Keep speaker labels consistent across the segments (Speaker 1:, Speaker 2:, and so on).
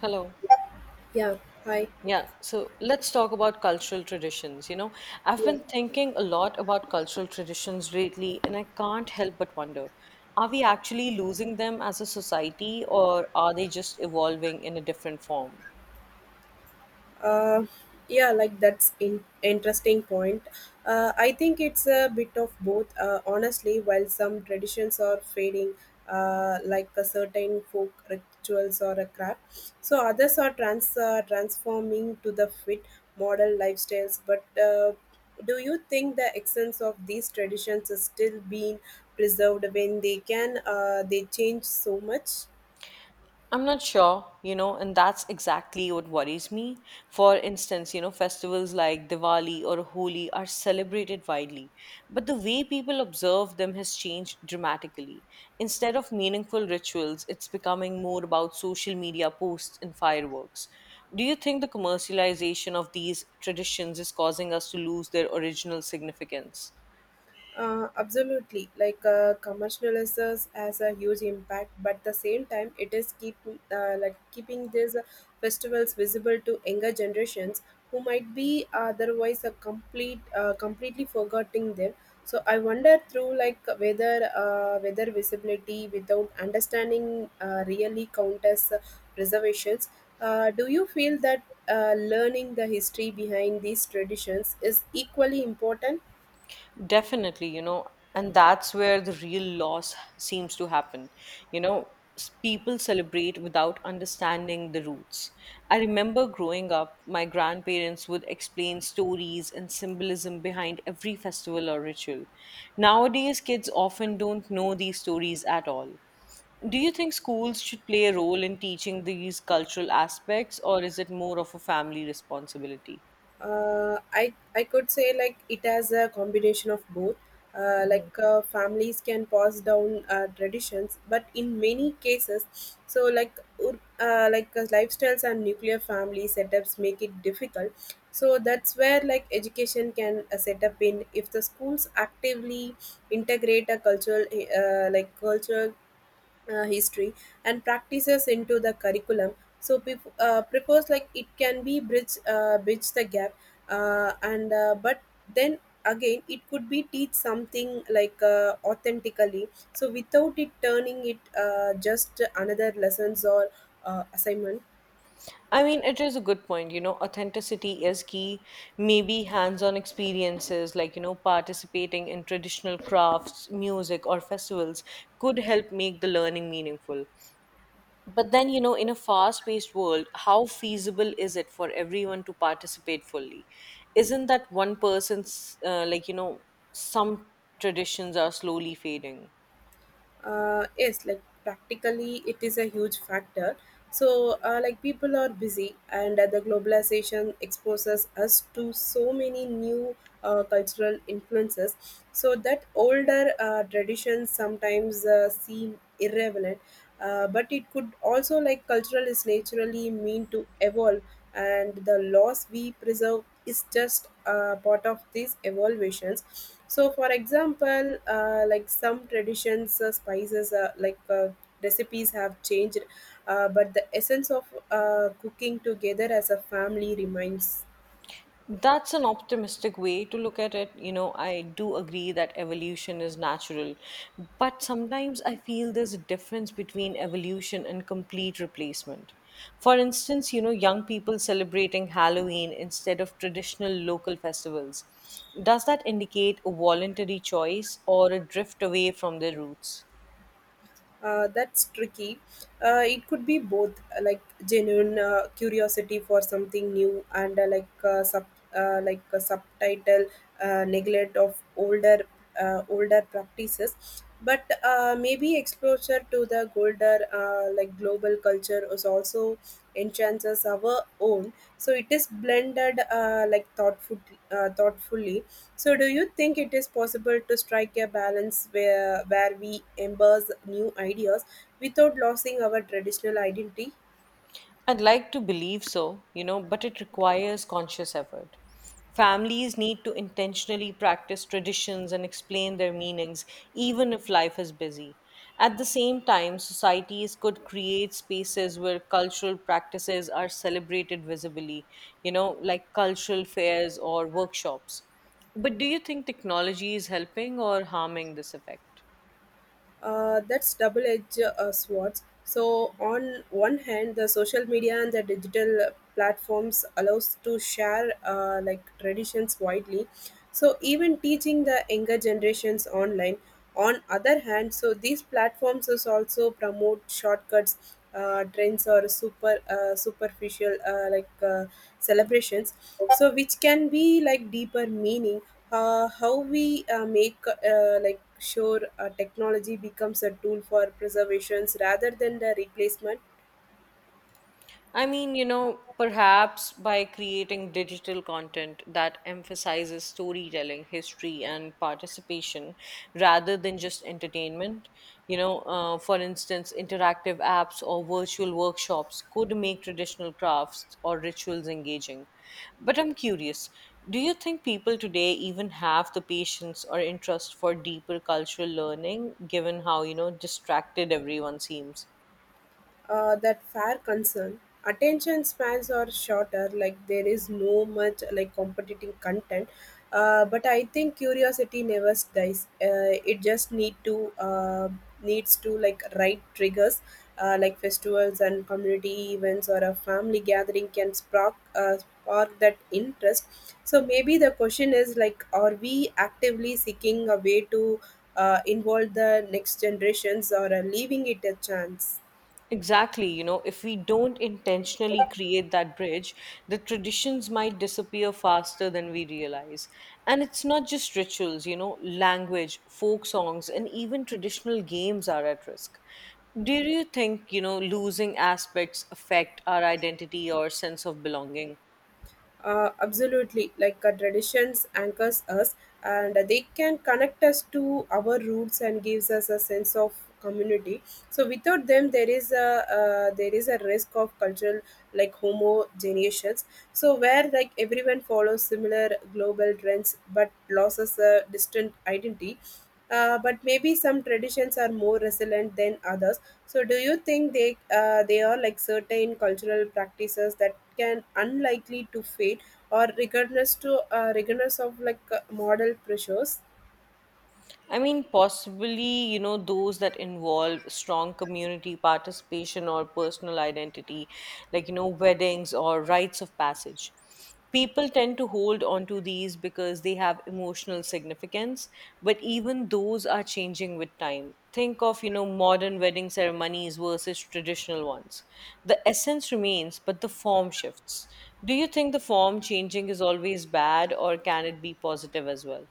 Speaker 1: Hello.
Speaker 2: Yeah, hi.
Speaker 1: Yeah, so let's talk about cultural traditions. I've
Speaker 2: Yeah,
Speaker 1: been thinking a lot about cultural traditions lately, and I can't help but wonder, are we actually losing them as a society, or are they just evolving in a different form?
Speaker 2: uh, yeah. Like that's in interesting point. I think it's a bit of both. Honestly, while some traditions are fading, like a certain folk rituals or a craft, so others are transforming to the fit model lifestyles. But do you think the essence of these traditions is still being preserved when they can? They change so much.
Speaker 1: I'm not sure, you know, and that's exactly what worries me. For instance, you know, festivals like Diwali or Holi are celebrated widely, but the way people observe them has changed dramatically. Instead of meaningful rituals, it's becoming more about social media posts and fireworks. Do you think the commercialization of these traditions is causing us to lose their original significance?
Speaker 2: Absolutely, like commercializers has a huge impact, but at the same time, it is keep like keeping these festivals visible to younger generations who might be otherwise a completely forgetting them. So I wonder through like whether visibility without understanding really count as reservations. Do you feel that learning the history behind these traditions is equally important?
Speaker 1: Definitely, you know, and that's where the real loss seems to happen. You know, People celebrate without understanding the roots. I remember growing up, my grandparents would explain stories and symbolism behind every festival or ritual. Nowadays, kids often don't know these stories at all. Do you think schools should play a role in teaching these cultural aspects, or is it more of a family responsibility?
Speaker 2: I could say like it has a combination of both. Uh,
Speaker 1: Mhm.
Speaker 2: like uh, families can pass down traditions, but in many cases, so like lifestyles and nuclear family setups make it difficult. So that's where like education can set up in if the schools actively integrate a cultural like cultural history and practices into the curriculum so prefers like it can be bridge the gap and but then again it could be teach something like authentically so without it turning it just another lessons or assignment.
Speaker 1: I mean, it is a good point. You know, authenticity is key. Maybe hands on experiences like, you know, participating in traditional crafts, music, or festivals could help make the learning meaningful. But then, you know, in a fast paced world, how feasible is it for everyone to participate fully? Isn't that one person's, like, some traditions are slowly fading?
Speaker 2: Yes, like practically it is a huge factor so like people are busy and the globalization exposes us to so many new cultural influences so that older traditions sometimes seem irrelevant, but it could also like cultural is naturally mean to evolve and the laws we preserve is just part of these evaluations. So for example like some traditions spices, recipes have changed, but the essence of cooking together as a family remains.
Speaker 1: That's an optimistic way to look at it. You know, I do agree that evolution is natural, but sometimes I feel there's a difference between evolution and complete replacement. For instance, you know, young people celebrating Halloween instead of traditional local festivals. Does that indicate a voluntary choice or a drift away from their roots?
Speaker 2: That's tricky. It could be both, like genuine curiosity for something new, and like a subtitle neglect of older practices. But maybe exposure to the older like global culture is also enhances our own. So it is blended like thoughtfully. So, do you think it is possible to strike a balance where we embrace new ideas without losing our traditional identity?
Speaker 1: I'd like to believe so, you know, but it requires conscious effort. Families need to intentionally practice traditions and explain their meanings, even if life is busy. At the same time, societies could create spaces where cultural practices are celebrated visibly, you know, like cultural fairs or workshops. But do you think technology is helping or harming this effect?
Speaker 2: That's double-edged swords. So on one hand, the social media and the digital platforms allows to share like traditions widely. So even teaching the younger generations online. On other hand, so these platforms is also promote shortcuts, trends or superficial celebrations. So which can be like deeper meaning. How we make like sure technology becomes a tool for preservations rather than the replacement.
Speaker 1: I mean, you know, perhaps by creating digital content that emphasizes storytelling, history, and participation rather than just entertainment, for instance, interactive apps or virtual workshops could make traditional crafts or rituals engaging. But I'm curious, do you think people today even have the patience or interest for deeper cultural learning, given how, you know, distracted everyone seems?
Speaker 2: That fair concern. Attention spans are shorter, like there is no much like competitive content. But I think curiosity never dies. It just needs to like right triggers, like festivals and community events or a family gathering can spark that interest. So maybe the question is like, are we actively seeking a way to involve the next generations or leaving it a chance?
Speaker 1: Exactly. You know, if we don't intentionally create that bridge, the traditions might disappear faster than we realize. And it's not just rituals, you know, language, folk songs, and even traditional games are at risk. Do you think, you know, losing aspects affect our identity or sense of belonging?
Speaker 2: Absolutely, like traditions anchors us, and they can connect us to our roots and gives us a sense of community. So without them, there is a risk of cultural like homogeneous. So where like everyone follows similar global trends but loses a distinct identity. But maybe some traditions are more resilient than others. So do you think they are like certain cultural practices that can unlikely to fade or regardless of like model pressures?
Speaker 1: I mean, possibly, you know, those that involve strong community participation or personal identity, like, you know, weddings or rites of passage. People tend to hold on to these because they have emotional significance, but even those are changing with time. Think of, you know, modern wedding ceremonies versus traditional ones. The essence remains, but the form shifts. Do you think the form changing is always bad, or can it be positive as well?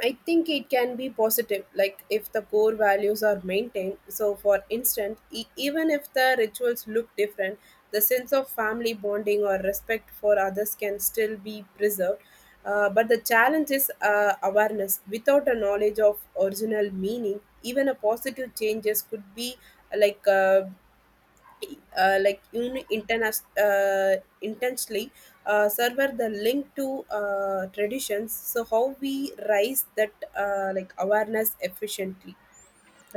Speaker 2: I think it can be positive, like if the core values are maintained. So, for instance, even if the rituals look different, the sense of family bonding or respect for others can still be preserved. But the challenge is awareness. Without a knowledge of original meaning, even a positive changes could be uh, like uh, intensely server the link to traditions, so how we raise that like awareness efficiently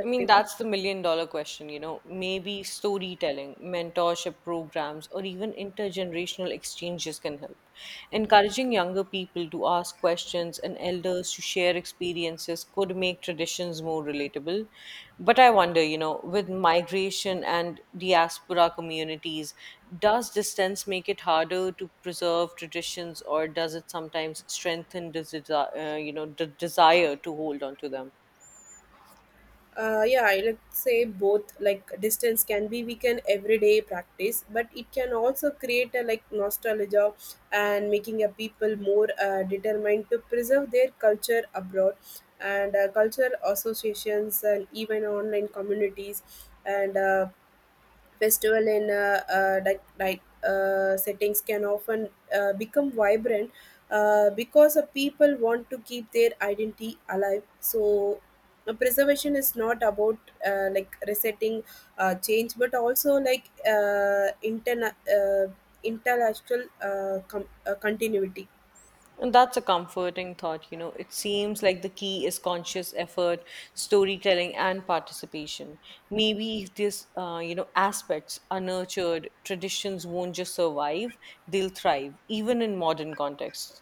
Speaker 1: I mean, that's the million dollar question, you know. Maybe storytelling, mentorship programs, or even intergenerational exchanges can help. Encouraging younger people to ask questions and elders to share experiences could make traditions more relatable. But I wonder, you know, with migration and diaspora communities, does distance make it harder to preserve traditions or does it sometimes strengthen you know, the desire to hold on to them?
Speaker 2: Yeah, I like say both like distance can be we can everyday practice but it can also create a like nostalgia and making a people more determined to preserve their culture abroad and culture associations and even online communities and festival in settings can often become vibrant because the people want to keep their identity alive. So, preservation is not about like resetting change, but also like intellectual continuity.
Speaker 1: And that's a comforting thought, you know. It seems like the key is conscious effort, storytelling, and participation. Maybe if you know, aspects are nurtured, traditions won't just survive; they'll thrive, even in modern contexts.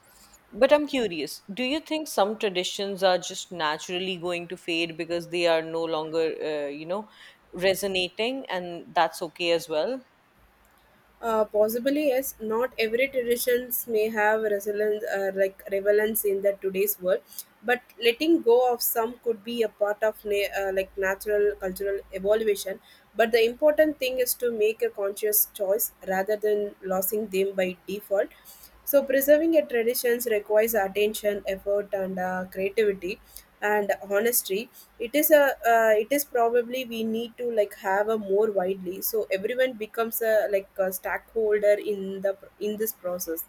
Speaker 1: But I'm curious: Do you think some traditions are just naturally going to fade because they are no longer, you know, resonating, and that's okay as well?
Speaker 2: Possibly yes. Not every traditions may have resonance, like relevance in the today's world, but letting go of some could be a part of like natural cultural evolution. But the important thing is to make a conscious choice rather than losing them by default, so preserving a traditions requires attention effort and creativity and honesty. It is a it is probably we need to like have a more widely so everyone becomes a like a stakeholder in the in this process.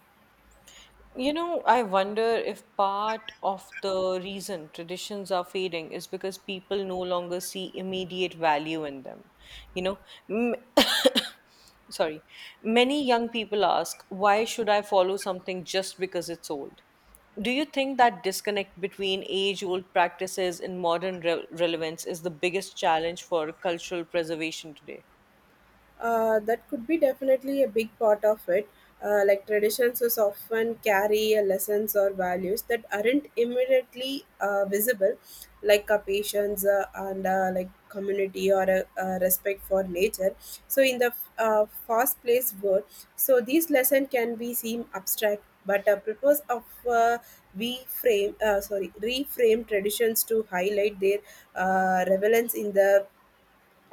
Speaker 1: You know, I wonder if part of the reason traditions are fading is because people no longer see immediate value in them. You know, m- sorry, many young people ask, why should I follow something just because it's old? Do you think that disconnect between age old practices and modern relevance is the biggest challenge for cultural preservation today?
Speaker 2: That could be definitely a big part of it. Like traditions is often carry a lessons or values that aren't immediately visible, like a patience and like community or a respect for nature. So in the fast-paced world, so these lessons can be seem abstract, but a purpose of uh, reframe traditions to highlight their relevance in the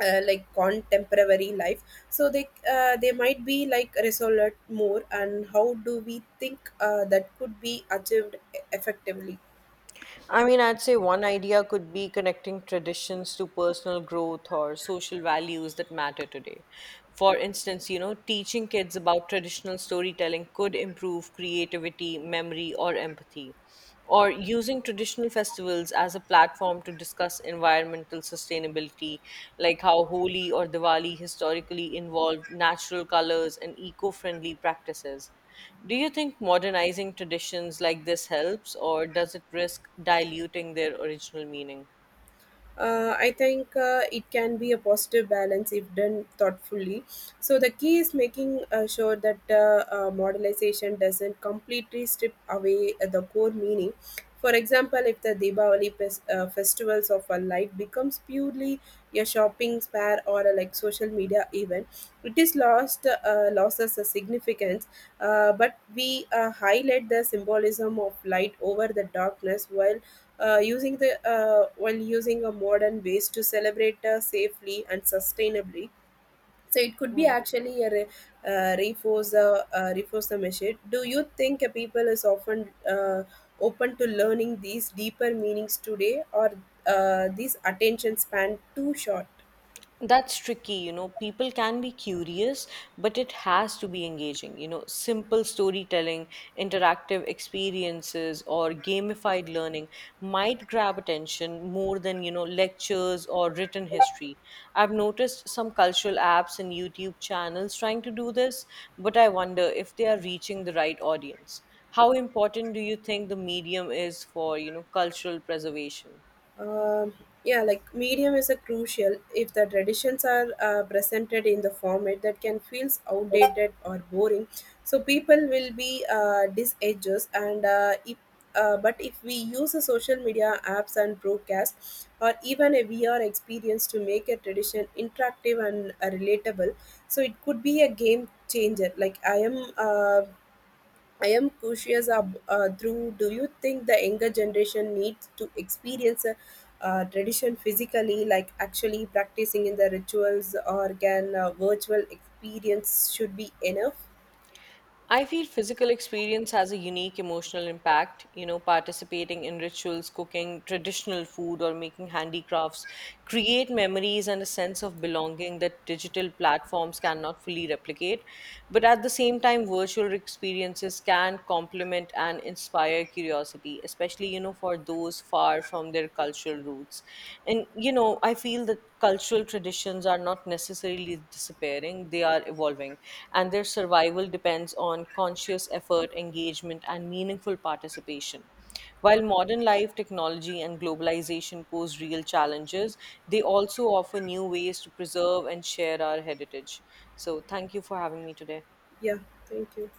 Speaker 2: like contemporary life, so they might be like resolute more. And how do we think that could be achieved effectively?
Speaker 1: I mean, I'd say one idea could be connecting traditions to personal growth or social values that matter today. For instance, you know, teaching kids about traditional storytelling could improve creativity, memory, or empathy. Or using traditional festivals as a platform to discuss environmental sustainability, like how Holi or Diwali historically involved natural colors and eco friendly practices. Do you think modernizing traditions like this helps, or does it risk diluting their original meaning?
Speaker 2: I think it can be a positive balance if done thoughtfully. So the key is making sure that modelization doesn't completely strip away the core meaning. For example, if the Deepavali festivals of a light becomes purely a shopping spare or a like social media event, it is lost loses a significance. But we highlight the symbolism of light over the darkness while using the while using a modern ways to celebrate safely and sustainably, so it could be
Speaker 1: Hmm.
Speaker 2: actually a re, reinforce the message. Do you think a people is often open to learning these deeper meanings today or these attention span too short?
Speaker 1: That's tricky, you know. People can be curious, but it has to be engaging. You know, simple storytelling, interactive experiences, or gamified learning might grab attention more than, you know, lectures or written history. I've noticed some cultural apps and YouTube channels trying to do this, but I wonder if they are reaching the right audience. How important do you think the medium is for, you know, cultural preservation?
Speaker 2: Um, yeah, like medium is a crucial if the traditions are presented in the format that can feels outdated or boring. So people will be disedges and if but if we use a social media apps and broadcast or even a VR experience to make a tradition interactive and relatable, so it could be a game changer. I am curious, Drew, do you think the younger generation needs to experience a tradition physically, like actually practicing in the rituals, or can virtual experience should be enough?
Speaker 1: I feel physical experience has a unique emotional impact. You know, participating in rituals, cooking traditional food, or making handicrafts create memories and a sense of belonging that digital platforms cannot fully replicate. But at the same time, virtual experiences can complement and inspire curiosity, especially, you know, for those far from their cultural roots. And you know, I feel that cultural traditions are not necessarily disappearing, they are evolving, and their survival depends on conscious effort, engagement, and meaningful participation. While modern life, technology, and globalization pose real challenges, they also offer new ways to preserve and share our heritage. So, thank you for having me today.
Speaker 2: Yeah, thank you.